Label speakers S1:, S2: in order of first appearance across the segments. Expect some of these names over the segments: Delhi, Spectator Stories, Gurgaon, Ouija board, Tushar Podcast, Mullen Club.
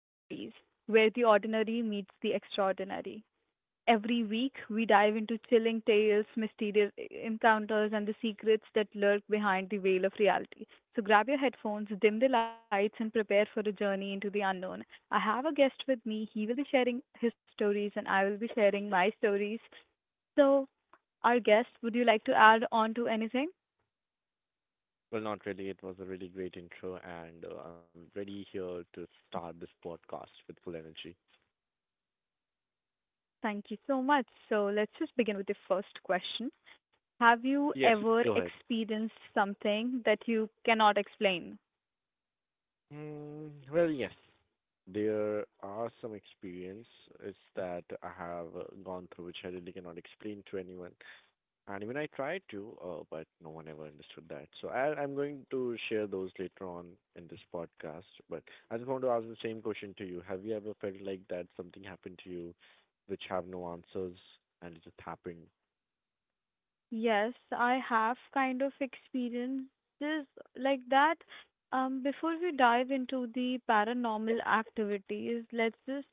S1: Stories, where the ordinary meets the extraordinary. Every week, we dive into chilling tales, mysterious encounters, and the secrets that lurk behind the veil of reality. So grab your headphones, dim the lights, and prepare for a journey into the unknown. I have a guest with me. He will be sharing his stories, and I will be sharing my stories. So, our guest, would you like to add on to anything?
S2: Well, not really. It was a really great intro, and I'm ready here to start this podcast with full energy.
S1: Thank you so much. So let's just begin with the first question. Have
S2: Yes,
S1: you
S2: go
S1: ever
S2: ahead.
S1: experienced something that you cannot explain?
S2: Yes, there are some experiences that I have gone through which I really cannot explain to anyone, and even I tried to, but no one ever understood that. So I'm going to share those later on in this podcast. But I just want to ask the same question to you: Have you ever felt like that something happened to you, which have no answers, and it just happened?
S1: Yes, I have kind of experiences like that. Before we dive into the paranormal activities, let's just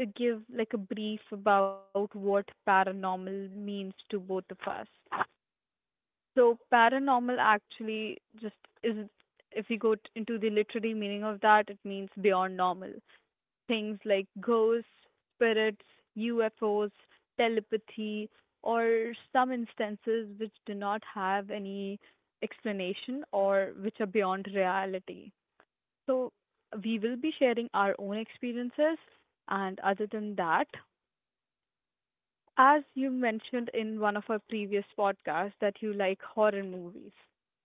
S1: give like a brief about what paranormal means to both of us. So paranormal actually just is, if we go into the literary meaning of that, it means beyond normal. Things like ghosts, spirits, UFOs, telepathy, or some instances which do not have any explanation or which are beyond reality. So we will be sharing our own experiences, and other than that, as you mentioned in one of our previous podcasts, that you like horror movies.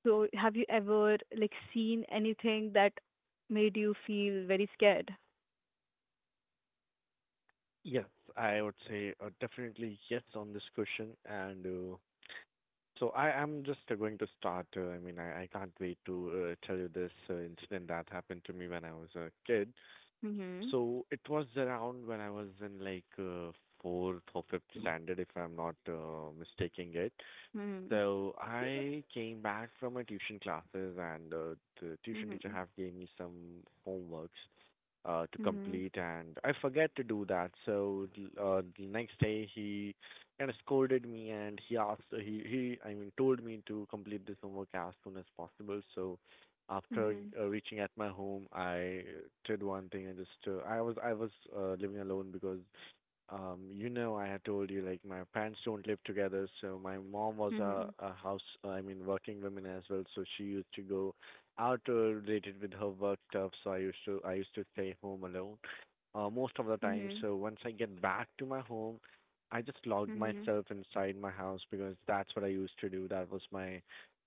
S1: So have you ever like seen anything that made you feel very scared?
S2: Yes, I would say definitely yes on this question. And so I am just going to start. I can't wait to tell you this incident that happened to me when I was a kid.
S1: Mhm.
S2: So it was around when I was in like fourth or fifth standard, if I'm not mistaking it.
S1: Mhm.
S2: So I came back from my tuition classes, and the tuition teacher
S1: Mhm.
S2: have gave me some homeworks to
S1: Mhm.
S2: complete, and I forget to do that. So the next day he kind of scolded me, and he asked, he, I mean, told me to complete this homework as soon as possible. So after reaching at my home, I did one thing. I was living alone because you know, I had told you like my parents don't live together, so my mom was
S1: Mhm.
S2: a house, I mean, working woman as well. So she used to go out related with her work stuff. So I used to stay home alone most of the time.
S1: Mhm.
S2: So once I get back to my home, I just locked
S1: Mhm.
S2: myself inside my house because that's what I used to do. That was my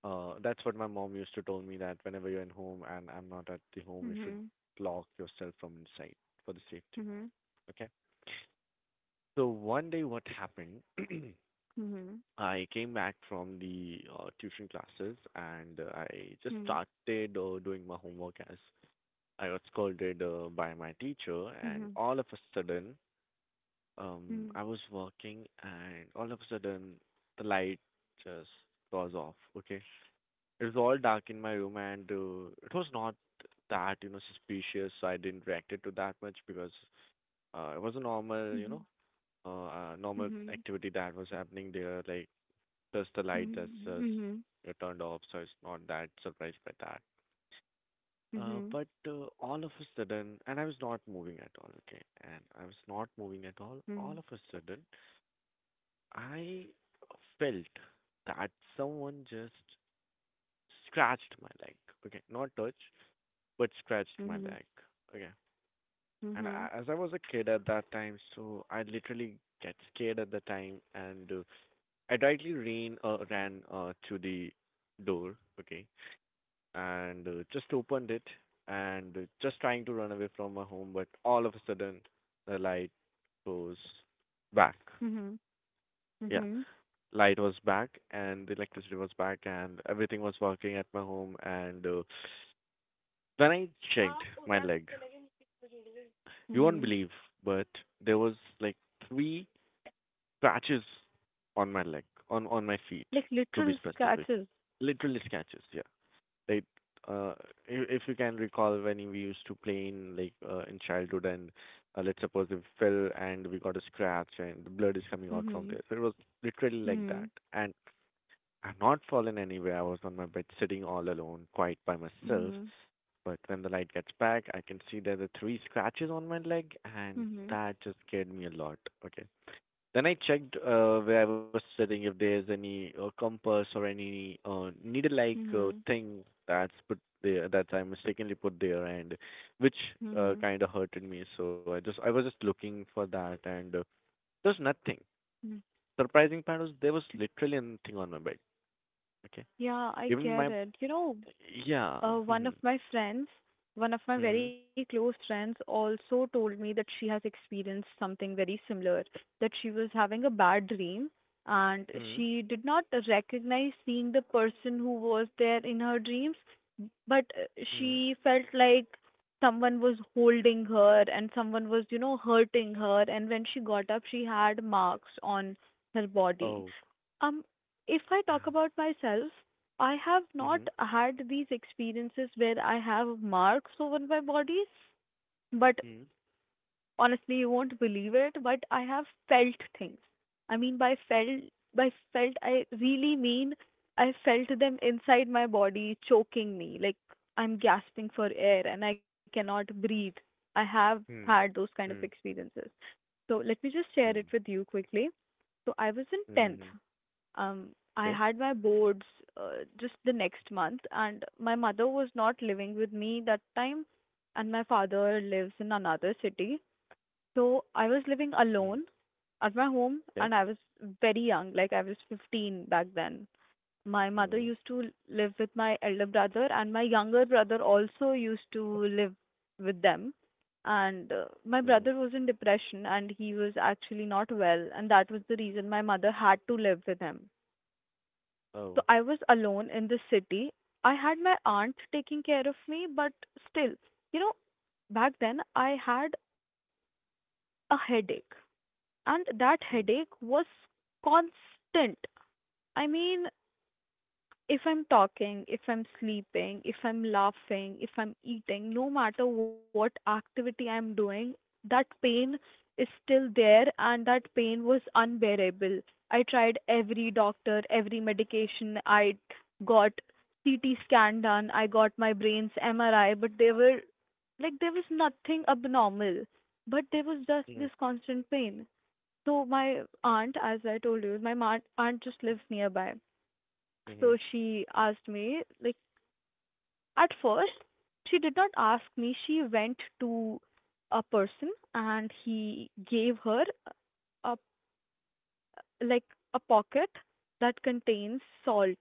S2: that's what my mom used to tell me that whenever you're in home and I'm not at the home, you should
S1: Mhm.
S2: lock yourself from inside for the safety. Okay. So one day, what happened?
S1: Mhm.
S2: I came back from the tuition classes and I just
S1: Mhm.
S2: started doing my homework as I was scolded by my teacher, and
S1: Mhm.
S2: all of a sudden, um,
S1: Mhm.
S2: I was working, and all of a sudden, the light just was off. Okay, it was all dark in my room, and it was not that you know suspicious. So I didn't react it to that much because it was a normal you know
S1: Mhm.
S2: normal
S1: Mhm. Mhm.
S2: activity that was happening there, like just the light that's just
S1: Mhm.
S2: turned off, so it's not that surprised by that.
S1: Mhm.
S2: Uh,
S1: Mhm.
S2: but uh, all of a sudden, and I was not moving at all, okay, and I was not moving at all. All
S1: Mhm.
S2: of a sudden, I felt that someone just scratched my leg, okay, not touch, but scratched
S1: Mhm.
S2: my
S1: Mhm.
S2: leg, okay. And
S1: Mhm.
S2: I, as I was a kid at that time, so I literally get scared at the time, and adroitly ran to the door, okay, and just opened it and just trying to run away from my home, but all of a sudden the light goes back.
S1: Mhm.
S2: Yeah,
S1: Mhm.
S2: light was back and the electricity was back and everything was working at my home. And when I checked my leg, you won't
S1: Mhm.
S2: believe, but there was like three scratches on my leg, on my feet,
S1: Like
S2: to be
S1: literal
S2: specific,
S1: scratches.
S2: literally scratches. Yeah. Like, uh, if you can recall when we used to play in like in childhood, and let's suppose we fell and we got a scratch and the blood is coming out from
S1: Mm-hmm.
S2: there. So it was literally like
S1: Mm-hmm.
S2: that. And I've not fallen anywhere. I was on my bed, sitting all alone, quite by myself.
S1: Mm-hmm.
S2: But when the light gets back, I can see there are three scratches on my leg, and
S1: Mm-hmm.
S2: that just scared me a lot. Okay, then I checked where I was sitting if there's any compass or any needle-like
S1: Mm-hmm.
S2: thing that's put there that I mistakenly put there, and which
S1: Mm-hmm.
S2: kind of hurted me. So I was just looking for that, and there's nothing.
S1: Mm.
S2: Surprising part was there was literally nothing on my bed. Okay,
S1: Yeah, I
S2: even
S1: get
S2: my
S1: it. You know,
S2: yeah.
S1: one of
S2: Mhm.
S1: my friends, one of my very
S2: Mhm.
S1: close friends, also told me that she has experienced something very similar, that she was having a bad dream, and
S2: Mhm.
S1: she did not recognize seeing the person who was there in her dreams, but
S2: Mhm.
S1: she felt like someone was holding her and someone was hurting her, and when she got up she had marks on her body.
S2: Oh,
S1: um if I talk
S2: damn.
S1: about myself, I have not
S2: Mhm.
S1: had these experiences where I have marks over my body, but
S2: Mhm.
S1: honestly you won't believe it, but I have felt things. I mean, by felt, by felt I really mean I felt them inside my body choking me, like I'm gasping for air and I cannot breathe. I have had
S2: Mhm.
S1: those kind of experiences. So let me just share it
S2: Mhm.
S1: with you quickly. So I was in 10th.
S2: Mhm.
S1: um I
S2: Okay.
S1: had my boards just the next month, and my mother was not living with me that time, and my father lives in another city, so I was living
S2: Mhm.
S1: alone at my home,
S2: Okay.
S1: and I was very young, like I was 15 back then. My mother
S2: Mm-hmm.
S1: used to live with my elder brother, and my younger brother also used to live with them. And my
S2: Mm.
S1: brother was in depression and he was actually not well, and that was the reason my mother had to live with him. So
S2: Oh.
S1: I was alone in this city. I had my aunt taking care of me, but still, you know, back then I had a headache, and that
S2: Mm.
S1: headache was constant. I mean, if I'm talking, if I'm sleeping, if I'm laughing, if I'm eating, no matter what activity I'm doing, that pain is still there, and that pain was unbearable. I tried every doctor, every medication. I got CT scan done, I got my brain's MRI, but they were like there was nothing abnormal, but there was just
S2: Mm.
S1: this constant pain. So my aunt, as I told you, my aunt just lives nearby.
S2: Mhm.
S1: So like, at first, she did not ask me. She went to a person and he gave her a, like, a pocket that contains salt,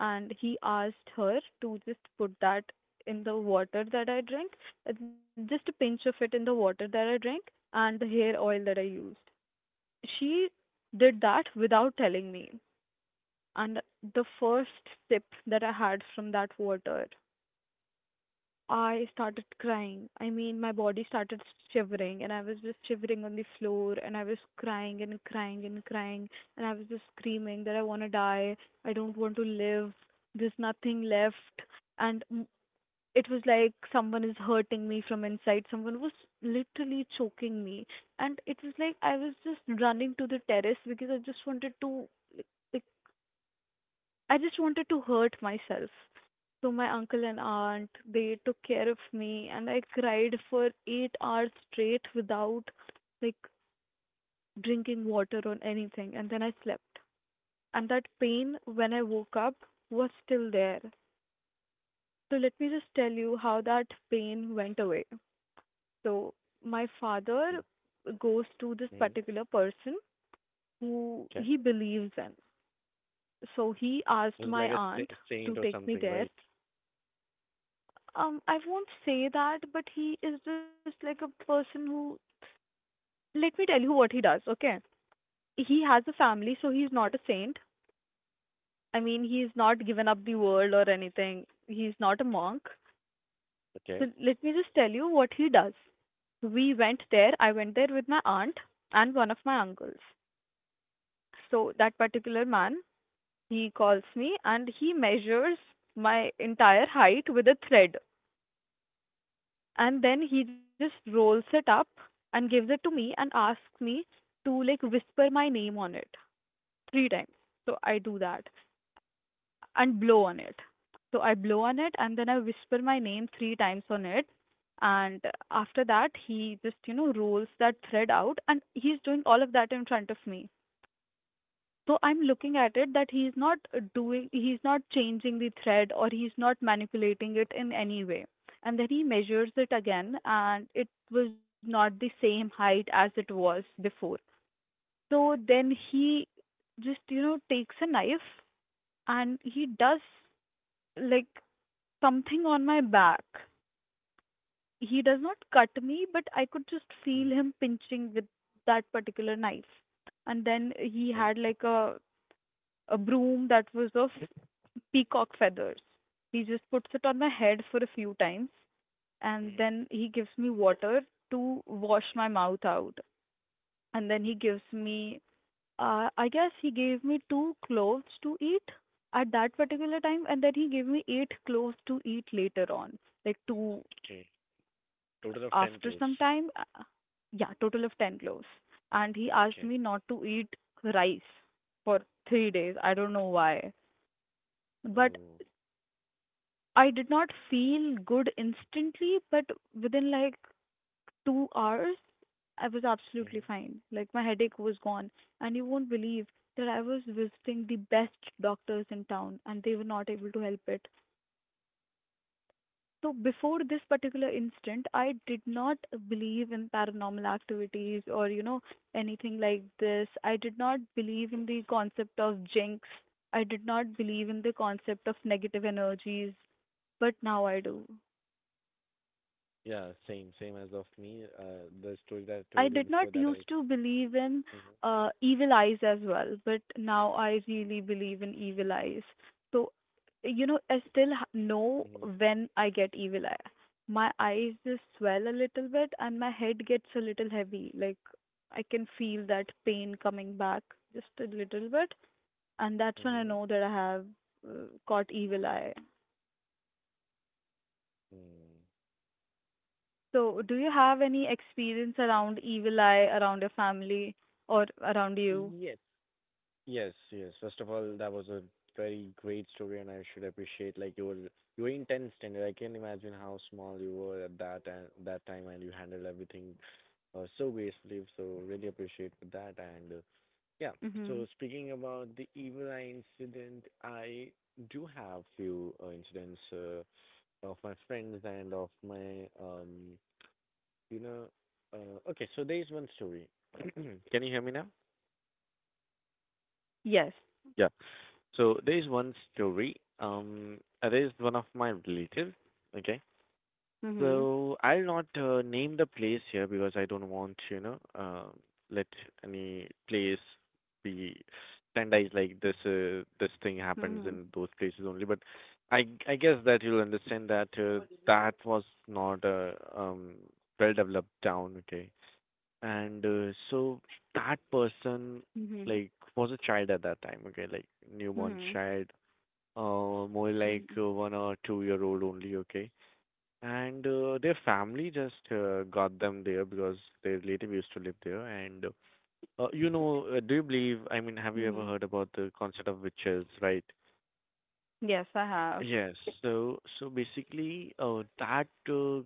S1: and he asked her to just put that in the water that I drink, just a pinch of it in the water that I drink, and the hair oil that I used. She did that without telling me. And the first sip that I had from that water, I started crying. I mean, my body started shivering, and I was just shivering on the floor, and I was crying and crying and crying, and I was just screaming that I want to die. I don't want to live. There's nothing left. And it was like someone is hurting me from inside. Someone was literally choking me. And it was like I was just running to the terrace because like, I just wanted to hurt myself. So my uncle and aunt, they took care of me, and I cried for 8 hours straight without, like, drinking water or anything, and then I slept. And that pain when I woke up was still there. So let me just tell you how that pain went away. So my father
S2: Mm.
S1: goes to this
S2: Mhm.
S1: particular person who
S2: Okay.
S1: he believes in. So he
S2: It
S1: asked
S2: was
S1: my
S2: like a
S1: aunt to
S2: saint or
S1: take me
S2: something,
S1: there.
S2: right?
S1: I won't say that, but he is just like a person who. Let me tell you what he does, okay? He has a family, so he's not a saint. I mean, he's not given up the world or anything. He's not a monk.
S2: Okay.
S1: So let me just tell you what he does. I went there with my aunt and one of my uncles. So that particular man, he calls me and he measures my entire height with a thread, and then he just rolls it up and gives it to me and asks me to, like, whisper my name on it three times. So I do that and blow on it. So I blow on it and then I whisper my name three times on it. And after that, he just, you know, rolls that thread out, and he's doing all of that in front of me. So I'm looking at it that he's not changing the thread or he's not manipulating it in any way. And then he measures it again and it was not the same height as it was before. So then he just, you know, takes a knife and he does, like, something on my back. He does not cut me, but I could just feel
S2: Mhm.
S1: him pinching with that particular knife. And then he
S2: Okay.
S1: had like a broom that was of peacock feathers. He just puts it on my head for a few times, and
S2: Mhm.
S1: then he gives me water to wash my
S2: Mhm.
S1: mouth out. And then he
S2: Okay.
S1: gives me, I guess he gave me two cloves to eat at that particular time. And then he gave me eight cloves to eat later on, like two
S2: Okay. Total of
S1: after
S2: ten
S1: some
S2: clothes.
S1: time. Yeah, total of 10 cloves. And he asked me
S2: Okay.
S1: not to eat rice for 3 days. I don't know why. But
S2: Oh.
S1: I did not feel good instantly, but within like 2 hours, I was
S2: Mhm.
S1: absolutely fine. Like, my headache was gone, and you won't believe that I was visiting the best doctors in town, and they were not able to help it. So before this particular instant, I did not believe in paranormal activities or anything like this. I did not believe in the concept of jinx. I did not believe in the concept of negative energies, but now I do.
S2: Yeah. Same. Same as of me. The story that I
S1: I
S2: told you
S1: did not
S2: before that I was.
S1: used to believe in
S2: Mhm.
S1: evil eyes as well, but now I really believe in evil eyes. So, you know, I still know
S2: Mhm.
S1: when I get evil eye. My eyes just swell a little bit and my head gets a little heavy. Like, I can feel that pain coming back just a little bit, and that's when I
S2: Mhm.
S1: know that I have caught evil eye.
S2: Mm.
S1: So, do you have any experience around evil eye around your family or around you?
S2: Yes. Yes, yes. First of all, that was a very great story, and I should appreciate like you were intense, and I can imagine how small you were at that and that time, and you handled everything so gracefully. So really appreciate for that, and yeah.
S1: Mm-hmm.
S2: So speaking about the evil eye incident, I do have few incidents of my friends and of my you know, okay. So there is one story. Can you hear me now?
S1: Yes.
S2: So there is one story. It is one of my relatives. Okay.
S1: Mhm.
S2: So I'll not name the place here because I don't want, you know, let any place be standardized like this. This thing happens
S1: Mhm.
S2: in those places only. But I I guess that you'll understand that that was not a well developed town. Okay. And so that person
S1: Mhm.
S2: like was a child at that time. Okay, like newborn
S1: Mhm.
S2: child more like
S1: Mhm.
S2: 1 or 2 year old only, okay? And their family just got them there because their relative used to live there. And you know, do you believe? I mean, have you ever
S1: Mhm.
S2: heard about the concept of witches, right?
S1: Yes, I have.
S2: Yes. So basically, that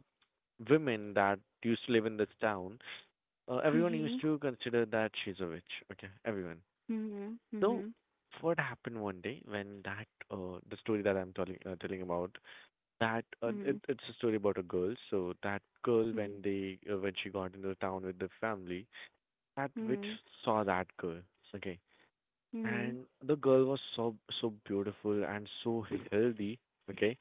S2: women that used to live in this town, everyone used
S1: Mhm.
S2: to consider that she's a witch. Okay, everyone.
S1: Mhm.
S2: So
S1: Mhm.
S2: what happened one day when that the story that I'm telling telling about that
S1: Mhm.
S2: it's a story about a girl. So that girl,
S1: Mhm.
S2: when they when she got into town with the family, that witch saw that girl. Okay,
S1: Mhm.
S2: and the girl was so beautiful and so healthy. Okay,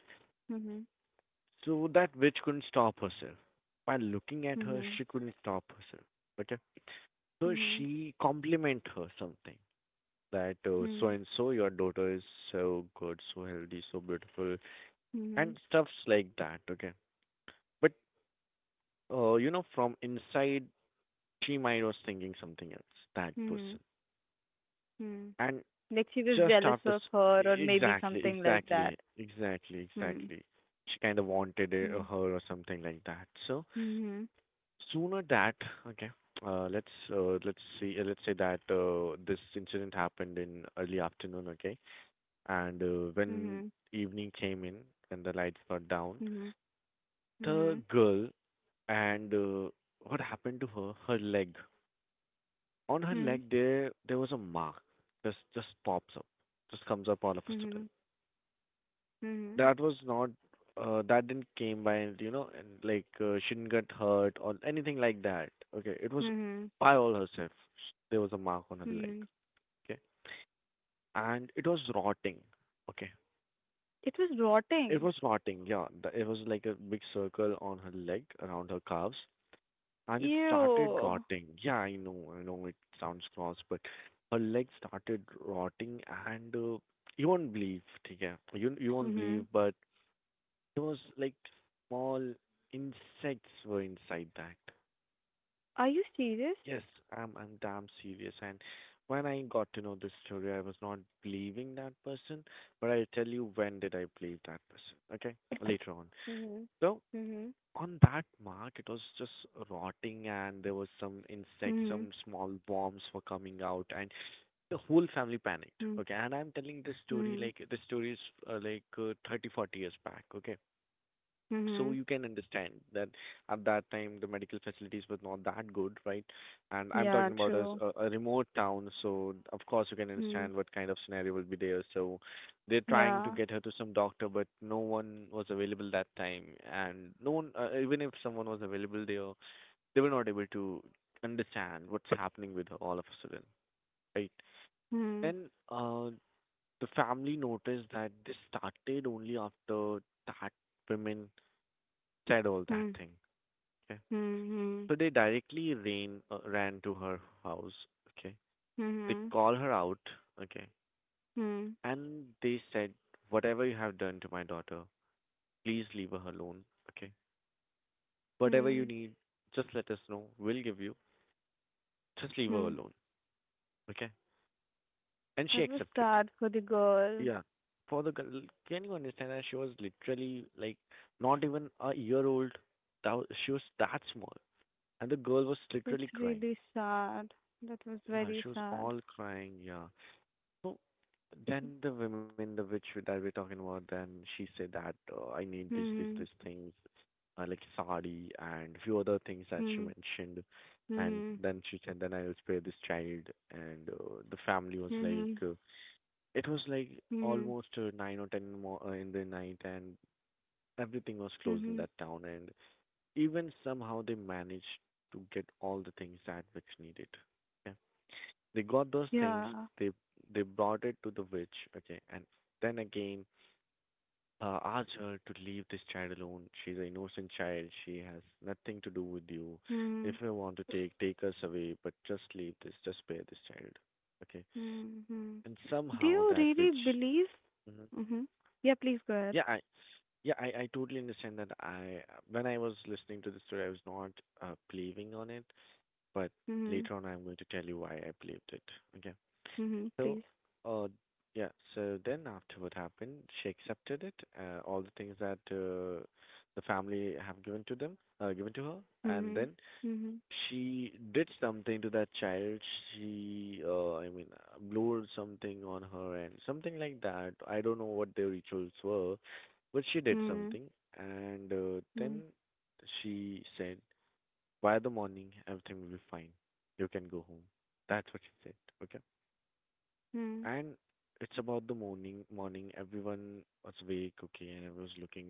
S2: so that witch couldn't stop herself. By looking at her,
S1: Mhm.
S2: she couldn't stop herself. Okay,
S1: Mhm.
S2: so
S1: Mhm.
S2: she compliment her something that so
S1: Mhm.
S2: and so your daughter is so good, so healthy, so beautiful,
S1: Mhm. Mhm.
S2: and stuffs like that. Okay, but you know, from inside she might was thinking something else, that
S1: Mhm.
S2: person.
S1: Mhm.
S2: And
S1: Like she was
S2: just
S1: jealous
S2: after,
S1: of her, or maybe
S2: exactly,
S1: something like that.
S2: exactly, exactly,
S1: Hmm.
S2: exactly. She kind of wanted it, or
S1: Hmm.
S2: her or something like that. So
S1: Mhm.
S2: sooner that, okay, let's see, let's say that this incident happened in early afternoon, okay, and
S1: Mhm.
S2: when evening came in and the lights got down,
S1: Mhm.
S2: the
S1: Mhm.
S2: girl and what happened to her? Her leg. On her
S1: Mhm.
S2: leg there was a mark, just pops up, just comes up all of a sudden.
S1: Mhm. Mhm.
S2: That was not that didn't came by and you know, and like she didn't get hurt or anything like that. Okay, it was
S1: Mhm.
S2: by all herself. There was a mark on her leg,
S1: Mhm.
S2: okay, and it was rotting, okay.
S1: It was
S2: It
S1: rotting.
S2: was rotting, yeah. It was like a big circle on her leg around her calves, and it started
S1: Ew.
S2: rotting. Yeah, I know it sounds gross, but her leg started rotting, and you won't believe, yeah, you won't believe,
S1: Mhm.
S2: but there was like small insects were inside that.
S1: Are you serious?
S2: Yes, I'm damn serious. And when I got to know this story, I was not believing that person, but I tell you when did I believe that person? Okay, later on.
S1: Mhm.
S2: So,
S1: Mhm.
S2: on that mark it was just rotting and there was some insects, some
S1: Mhm.
S2: small worms were coming out, and the whole family panicked,
S1: Mhm.
S2: okay. And I'm telling this story,
S1: Mhm.
S2: like this story is 30 40 years back, okay, so
S1: Mhm.
S2: you can understand that at that time the medical facilities were not that good, right? And I'm talking
S1: Yeah,
S2: about as
S1: true.
S2: a remote town, so of course you can
S1: Mhm.
S2: understand what kind of scenario will be there. So they're trying to
S1: Yeah.
S2: get her to some doctor, but no one was available that time, and no one, even if someone was available there, they were not able to understand what's happening with her all of a sudden, right?
S1: Mhm.
S2: Then the family noticed that this started only after that woman said all that
S1: Mhm.
S2: thing. Okay?
S1: Mhm.
S2: So they directly ran ran to her house. Okay, they
S1: Mhm.
S2: call her out. Okay,
S1: Mhm.
S2: and they said, "Whatever you have done to my daughter, please leave her alone. Okay, whatever you
S1: Mhm.
S2: need, just let us know. We'll give you. Just leave her
S1: Mhm.
S2: alone. Okay." And she
S1: That was
S2: accepted.
S1: sad for the girl.
S2: Yeah. For the girl, can you understand that she was literally like not even a year old. That was, she was that small, and the girl was literally
S1: That's
S2: crying.
S1: really sad. That was
S2: Yeah,
S1: very
S2: she was
S1: sad.
S2: all crying. Yeah. So then the women, the witch that we're talking about, then she said that I need this, this, this
S1: Mhm.
S2: things, like sari and few other things that she
S1: Mhm.
S2: mentioned. And
S1: Mhm.
S2: then she said, then I will spare this child. And the family was like,
S1: Mhm.
S2: it was like
S1: Mhm.
S2: almost 9 or 10 more in the night, and everything was closed in
S1: Mhm.
S2: that town. And even somehow they managed to get all the things that witch needed. Yeah. They got those things.
S1: Yeah.
S2: They they brought it to the witch. Okay, and then again asked her to leave this child alone. She's an innocent child. She has nothing to do with you. If
S1: Mhm.
S2: you want to take us away, but just leave this. Just spare this child. Okay,
S1: Mhm.
S2: and
S1: Do
S2: somehow
S1: you
S2: that
S1: really
S2: witch.
S1: believe?
S2: Mhm.
S1: Mhm. Yeah, please go ahead.
S2: Yeah, I yeah, I totally understand that. I when I was listening to the story, I was not believing on it, but
S1: Mhm.
S2: later on, I'm going to tell you why I believed it. Okay.
S1: Mhm.
S2: So,
S1: Please.
S2: uh, yeah. So then after what happened, she accepted it, all the things that the family have given to them, given to her, and
S1: Mhm.
S2: then
S1: Mhm.
S2: she did something to that child. She, blew something on her and something like that. I don't know what the rituals were, but she did
S1: Mhm.
S2: something, and then
S1: Mhm.
S2: she said, "By the morning, everything will be fine. You can go home." That's what she said. Okay?
S1: Mhm.
S2: And it's about the morning. Morning, everyone was awake, okay, and I was looking,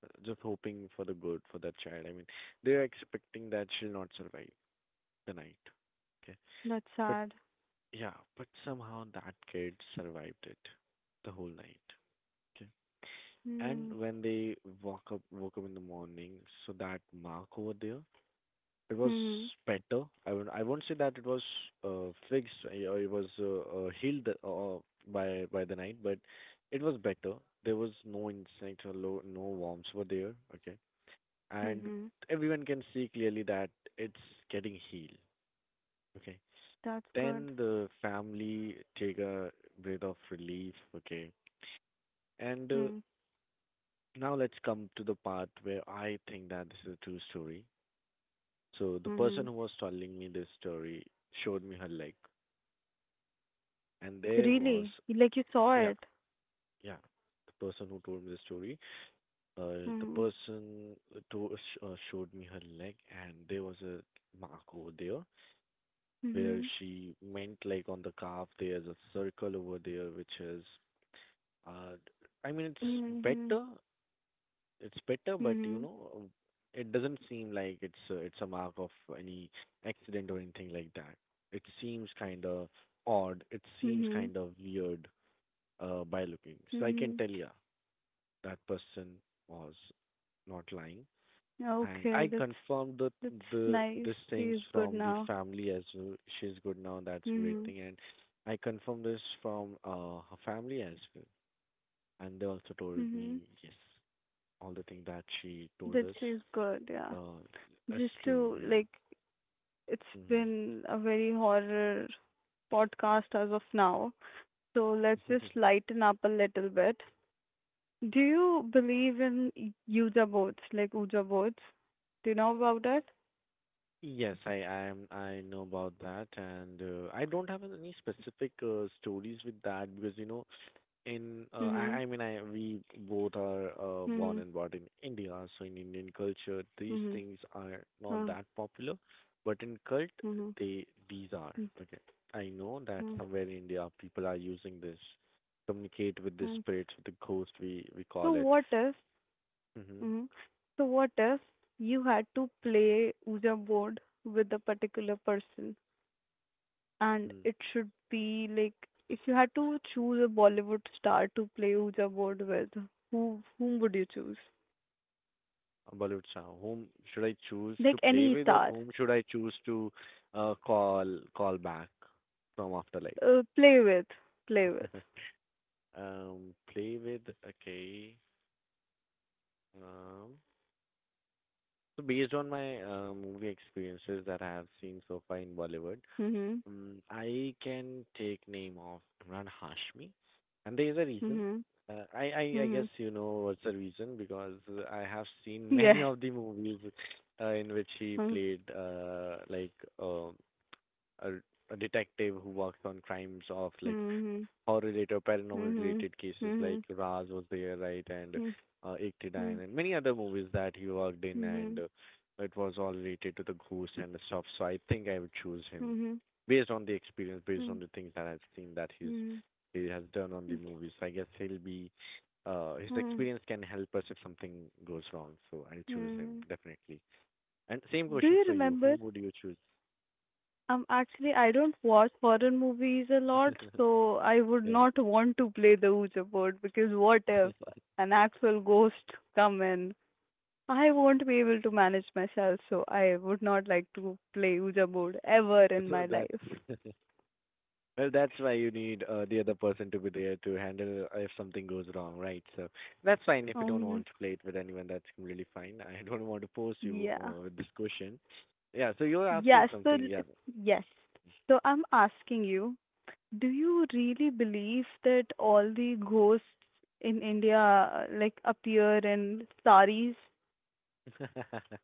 S2: for, just hoping for the good for that child. I mean, they're expecting that she'll not survive the night. Okay,
S1: That's
S2: but
S1: sad.
S2: yeah, but somehow that kid survived it, the whole night. Okay, and
S1: Mhm.
S2: when they woke up in the morning, so that mark over there, it was
S1: Mhm.
S2: better. I won't say that it was fixed or it was healed by the night, but it was better. There was no insect or low, no worms were there. Okay, and
S1: Mhm.
S2: everyone can see clearly that it's getting healed. Okay,
S1: That's good.
S2: then the family take a breath of relief. Okay, and
S1: Mhm.
S2: now let's come to the part where I think that this is a true story. So the
S1: Mhm.
S2: person who was telling me this story showed me her leg. And there was
S1: Really? Like you saw
S2: yeah
S1: it?
S2: yeah, the person who told me the story the
S1: Mhm.
S2: person to showed me her leg and there was a mark over there where
S1: Mhm.
S2: she meant like on the calf there's a circle over there which is uh I mean it's
S1: Mhm.
S2: better, it's better, but you
S1: Mhm.
S2: know it doesn't seem like it's a mark of any accident or anything like that. It seems kind of odd, it seems
S1: Mhm.
S2: kind of weird by looking, so I can
S1: Mhm.
S2: tell you that person was not lying. And
S1: Okay,
S2: I
S1: that's
S2: confirmed the
S1: that's nice.
S2: the these
S1: He's
S2: things
S1: good
S2: from
S1: now.
S2: the family as well. She's good now, that's a great
S1: Mhm.
S2: thing. And I confirmed this from her family as well. And they also told
S1: Mhm.
S2: me yes, all the things that she told
S1: That
S2: us.
S1: feels good, yeah.
S2: Uh, that's
S1: Just
S2: true.
S1: to
S2: Yeah.
S1: like, it's been a very horror podcast as of now. So let's
S2: Hmm.
S1: just lighten up a little bit. Do you believe in Ouija boards, like Ouija boards? Do you know about it?
S2: Yes, I am I know about that, and I don't have any specific stories with that because you know in
S1: Mm-hmm.
S2: I mean I we both are
S1: Mm-hmm.
S2: born and brought in India, so in Indian culture these
S1: Mm-hmm.
S2: things are not
S1: Uh,
S2: that popular, but in cult
S1: mm-hmm.
S2: they these are
S1: Mm,
S2: okay. I know that
S1: mm,
S2: somewhere in India people are using this communicate with the
S1: mm.
S2: spirits, with the ghost we
S1: So
S2: call it.
S1: what if,
S2: Mm-hmm.
S1: mm, so what if you had to play Ouija board with a particular person? And
S2: Mm.
S1: it should be like, if you had to choose a Bollywood star to play Ouija board with, whom would you choose?
S2: Bollywood star. Whom should I choose
S1: Like,
S2: to
S1: any
S2: play with,
S1: star,
S2: or whom should I choose to uh, call call back from afterlife?
S1: uh, play with, play with.
S2: Play with. Okay. Um, so based on my movie experiences that I have seen so far in Bollywood,
S1: Mhm.
S2: I can take name of Imran Hashmi, and there is a reason.
S1: Mhm.
S2: I guess you
S1: Mhm.
S2: know what's the reason because I have seen
S1: Yes.
S2: many of the movies in which he played
S1: Mhm.
S2: like uh, a, a detective who works on crimes of like
S1: Mhm.
S2: horror related or paranormal related
S1: Mhm.
S2: cases like
S1: Mhm.
S2: Raz was there, right? And 89
S1: Mhm.
S2: and many other movies that he worked in, and
S1: Mhm.
S2: it was all related to the ghosts and the stuff, so I think I would choose him
S1: Mhm.
S2: based on the experience, based on the things that I've seen that
S1: Mhm.
S2: he has done on the
S1: Mhm.
S2: movies, so I guess he'll be his
S1: Mhm.
S2: experience can help us if something goes wrong, so I'll choose him
S1: Mhm.
S2: definitely. And same
S1: Do
S2: question
S1: you
S2: for you,
S1: remember
S2: whom would you choose?
S1: Actually, I don't watch foreign movies a lot, so I would
S2: Yeah.
S1: not want to play the Ouija board because what if an actual ghost come in? I won't be able to manage myself, so I would not like to play Ouija board ever in
S2: So
S1: my
S2: that's
S1: life.
S2: well, that's why you need the other person to be there to handle if something goes wrong, right? So that's fine if you don't
S1: Um,
S2: want to play it with anyone. That's really fine. I don't want to force you
S1: yeah.
S2: with this question. Yeah. So you're asking
S1: Yes,
S2: something. Yeah.
S1: yes. So I'm asking you, do you really believe that all the ghosts in India like appear in saris?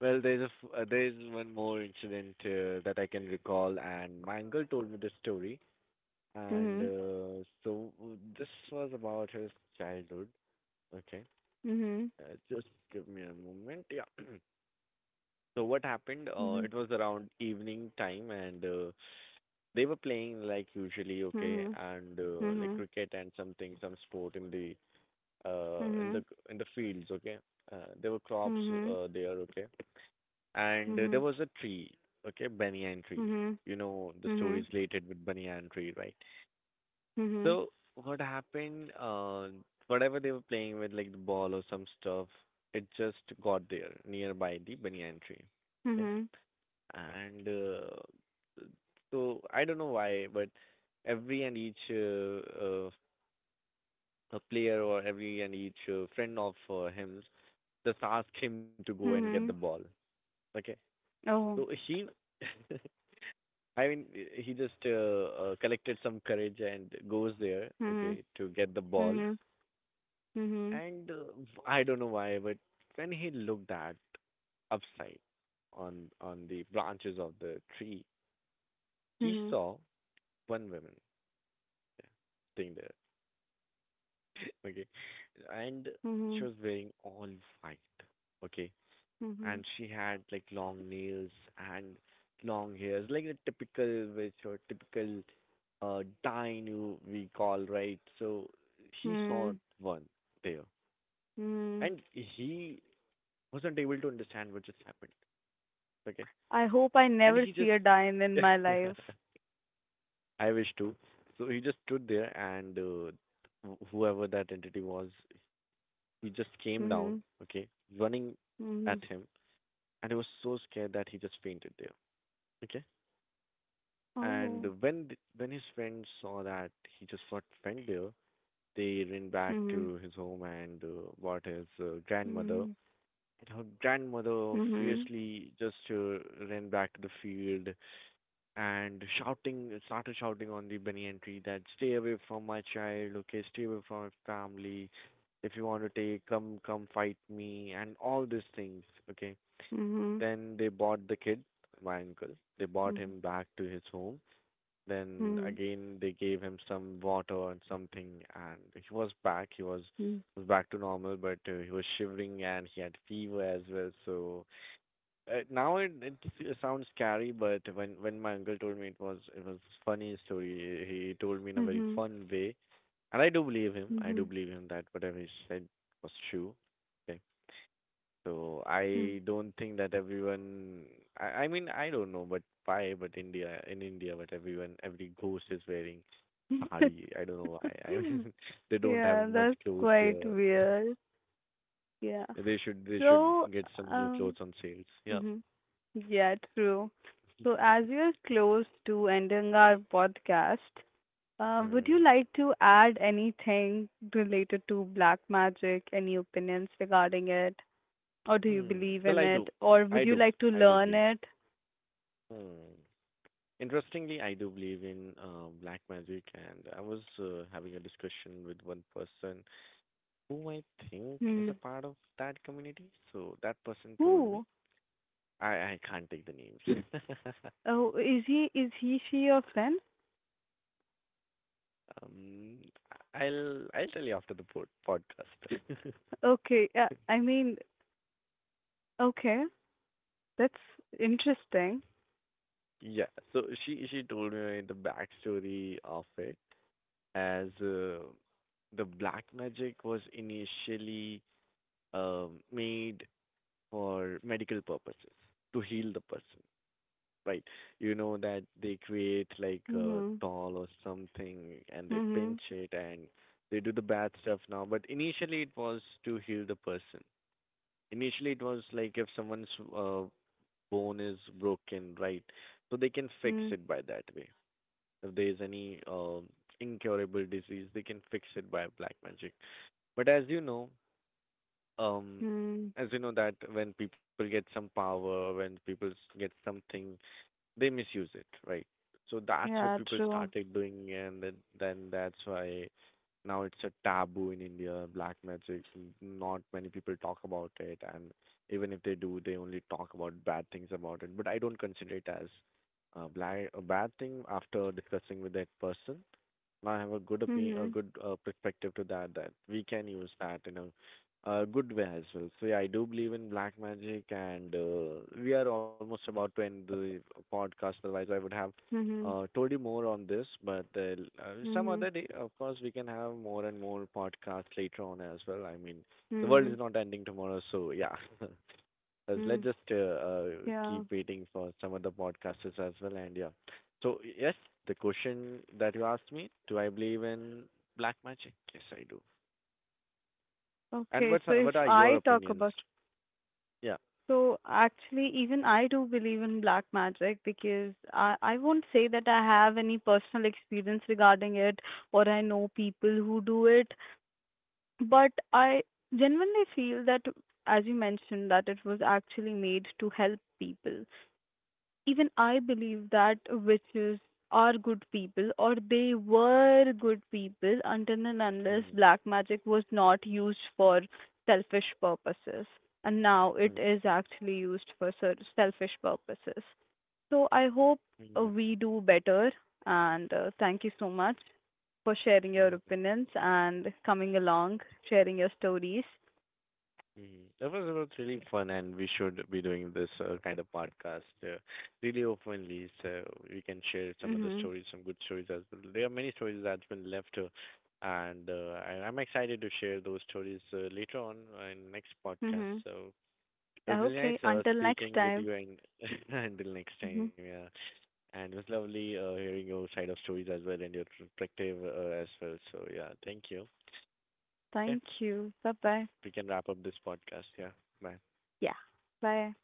S2: Well, there's one more incident that I can recall, and my uncle told me this story, and
S1: Mm-hmm.
S2: so this was about his childhood. Okay,
S1: Mm-hmm.
S2: just give me a moment. Yeah, so what happened?
S1: Mhm.
S2: It was around evening time, and they were playing like usually, okay,
S1: Mhm.
S2: and like
S1: Mhm.
S2: cricket and something, some sport in the uh in
S1: Mhm.
S2: the in the fields, okay. There were crops
S1: Mhm.
S2: there, okay, and there
S1: Mhm.
S2: was a tree, okay, banyan tree.
S1: Mhm.
S2: You know the story is
S1: Mhm.
S2: related with banyan tree, right?
S1: Mhm.
S2: So what happened? Whatever they were playing with, like the ball or some stuff, it just got there nearby the banyan tree. Okay?
S1: Mhm.
S2: And so I don't know why, but every and each a player or every and each friend of him just ask him to go and get the
S1: Mhm.
S2: ball. Okay, so
S1: Oh.
S2: he, I mean, he just collected some courage and goes there.
S1: Mhm.
S2: Okay, to get the ball,
S1: Mhm. Mhm.
S2: and I don't know why, but when he looked at upside on the branches of the tree, he
S1: Mhm.
S2: saw one woman thing there. Okay. And she
S1: Mhm.
S2: was wearing all white. Okay.
S1: Mhm.
S2: And she had like long nails and long hairs, like a typical witch or typical dine you we call, right? So he saw
S1: Mhm.
S2: one there.
S1: Mhm.
S2: And he wasn't able to understand what just happened. Okay.
S1: I hope I
S2: And
S1: never
S2: he just
S1: see a dime in my life.
S2: I wish to. So he just stood there and whoever that entity was, he just came down,
S1: Mhm.
S2: okay, running at
S1: Mhm.
S2: him, and he was so scared that he just fainted there, okay.
S1: Oh.
S2: And when when his friends saw that he just got fainted there, they ran back
S1: Mhm.
S2: to his home and brought his grandmother.
S1: Mhm.
S2: And her grandmother
S1: Mhm.
S2: fiercely just ran back to the field and shouting, started shouting on the banyan tree that stay away from my child, okay, stay away from my family. If you want to take come, come fight me and all these things, okay.
S1: Mhm.
S2: Then they bought the kid, my uncle, they bought him back to his home. Then
S1: Mhm.
S2: again they gave him some water and something, and he
S1: Mhm.
S2: was back to normal, but he was shivering and he had fever as well. So now sounds scary, but when my uncle told me it was, it was funny story. He told me in a very
S1: Mhm.
S2: fun way, and I do believe him. I
S1: Mhm.
S2: do believe him that whatever he said was true. Okay, so
S1: Mhm.
S2: I don't think that everyone. I don't know, but why? But India, but everyone every ghost is wearing sari. I
S1: Mhm.
S2: don't know why. I mean they don't
S1: Yeah,
S2: have much
S1: that's
S2: clothes
S1: quite
S2: here.
S1: weird. Yeah.
S2: They should
S1: So,
S2: get some new clothes
S1: um,
S2: on sales. Yeah.
S1: hmm yeah, true. So, as we are close to ending our podcast, would
S2: Hmm.
S1: you like to add anything related to black magic? Any opinions regarding it? Or do you
S2: Hmm.
S1: believe
S2: Well,
S1: in
S2: I
S1: it?
S2: do.
S1: Or
S2: I
S1: would you
S2: do.
S1: like to
S2: I do
S1: learn
S2: believe.
S1: it?
S2: Hmm. Interestingly, I do believe in black magic, and I was having a discussion with one person who I think is
S1: Hmm.
S2: a part of that community. So that person told me,
S1: Who?
S2: I can't take the names.
S1: Oh, she your friend?
S2: um, I'll tell you after the podcast.
S1: Okay. I mean, okay. That's interesting.
S2: Yeah, so she told me the backstory of it as the black magic was initially made for medical purposes to heal the person, right? You know that they create like a
S1: Hmm.
S2: doll or something and they
S1: Mhm.
S2: pinch it and they do the bad stuff now, but initially it was to heal the person. Initially it was like if someone's uh, bone is broken, right? So they can fix
S1: Mm,
S2: it by that way. If there is any incurable disease, they can fix it by black magic. But as you know, um
S1: mm.
S2: as you know that when people get some power, when get something they misuse it, right? So that's what
S1: Yeah,
S2: people
S1: true.
S2: started doing, and then that's why now it's a taboo in India. Black magic, not many people talk about it, and even if they do they only talk about bad things about it. But I don't consider it as a black, a bad thing after discussing with that person, and I have a good opinion, a
S1: Mhm.
S2: good perspective to that, that we can use that in a good way as well. So yeah, I do believe in black magic, and we are almost about to end the podcast. Otherwise, I would have
S1: Mhm.
S2: told you more on this, but some
S1: Mhm.
S2: other day, of course, we can have more and more podcasts later on as well. I mean, the world is
S1: Mhm.
S2: not ending tomorrow, so yeah.
S1: Mm.
S2: Because let's just
S1: Yeah.
S2: keep waiting for some other podcasters as well. And yeah, so yes, the question that you asked me, do I believe in black magic? Yes, I do. And
S1: Okay, so if
S2: what are your
S1: I talk
S2: opinions?
S1: about
S2: Yeah.
S1: so actually even I do believe in black magic because I won't say that I have any personal experience regarding it or I know people who do it, but I genuinely feel that, as you mentioned, that it was actually made to help people. Even I believe that witches are good people, or they were good people until and unless
S2: Hmm.
S1: black magic was not used for selfish purposes. And now it
S2: Hmm.
S1: is actually used for selfish purposes. So I hope
S2: Hmm.
S1: we do better. And thank you so much for sharing your
S2: Hmm.
S1: opinions and coming along, sharing your stories.
S2: Hmm. That was about really fun, and we should be doing this kind of podcast really openly, so we can share some of the
S1: Mhm.
S2: stories, some good stories as well. There are many stories that's been left, and I'm excited to share those stories later on in next podcast.
S1: Mhm.
S2: So it was really nice
S1: Okay. Until next
S2: speaking with
S1: time.
S2: you, and until next time,
S1: Mhm.
S2: yeah. And it was lovely hearing your side of stories as well and your perspective as well. So yeah, thank you. Yeah,
S1: Thank you. Bye bye.
S2: we can wrap up this podcast. Yeah, bye.
S1: Yeah. Bye.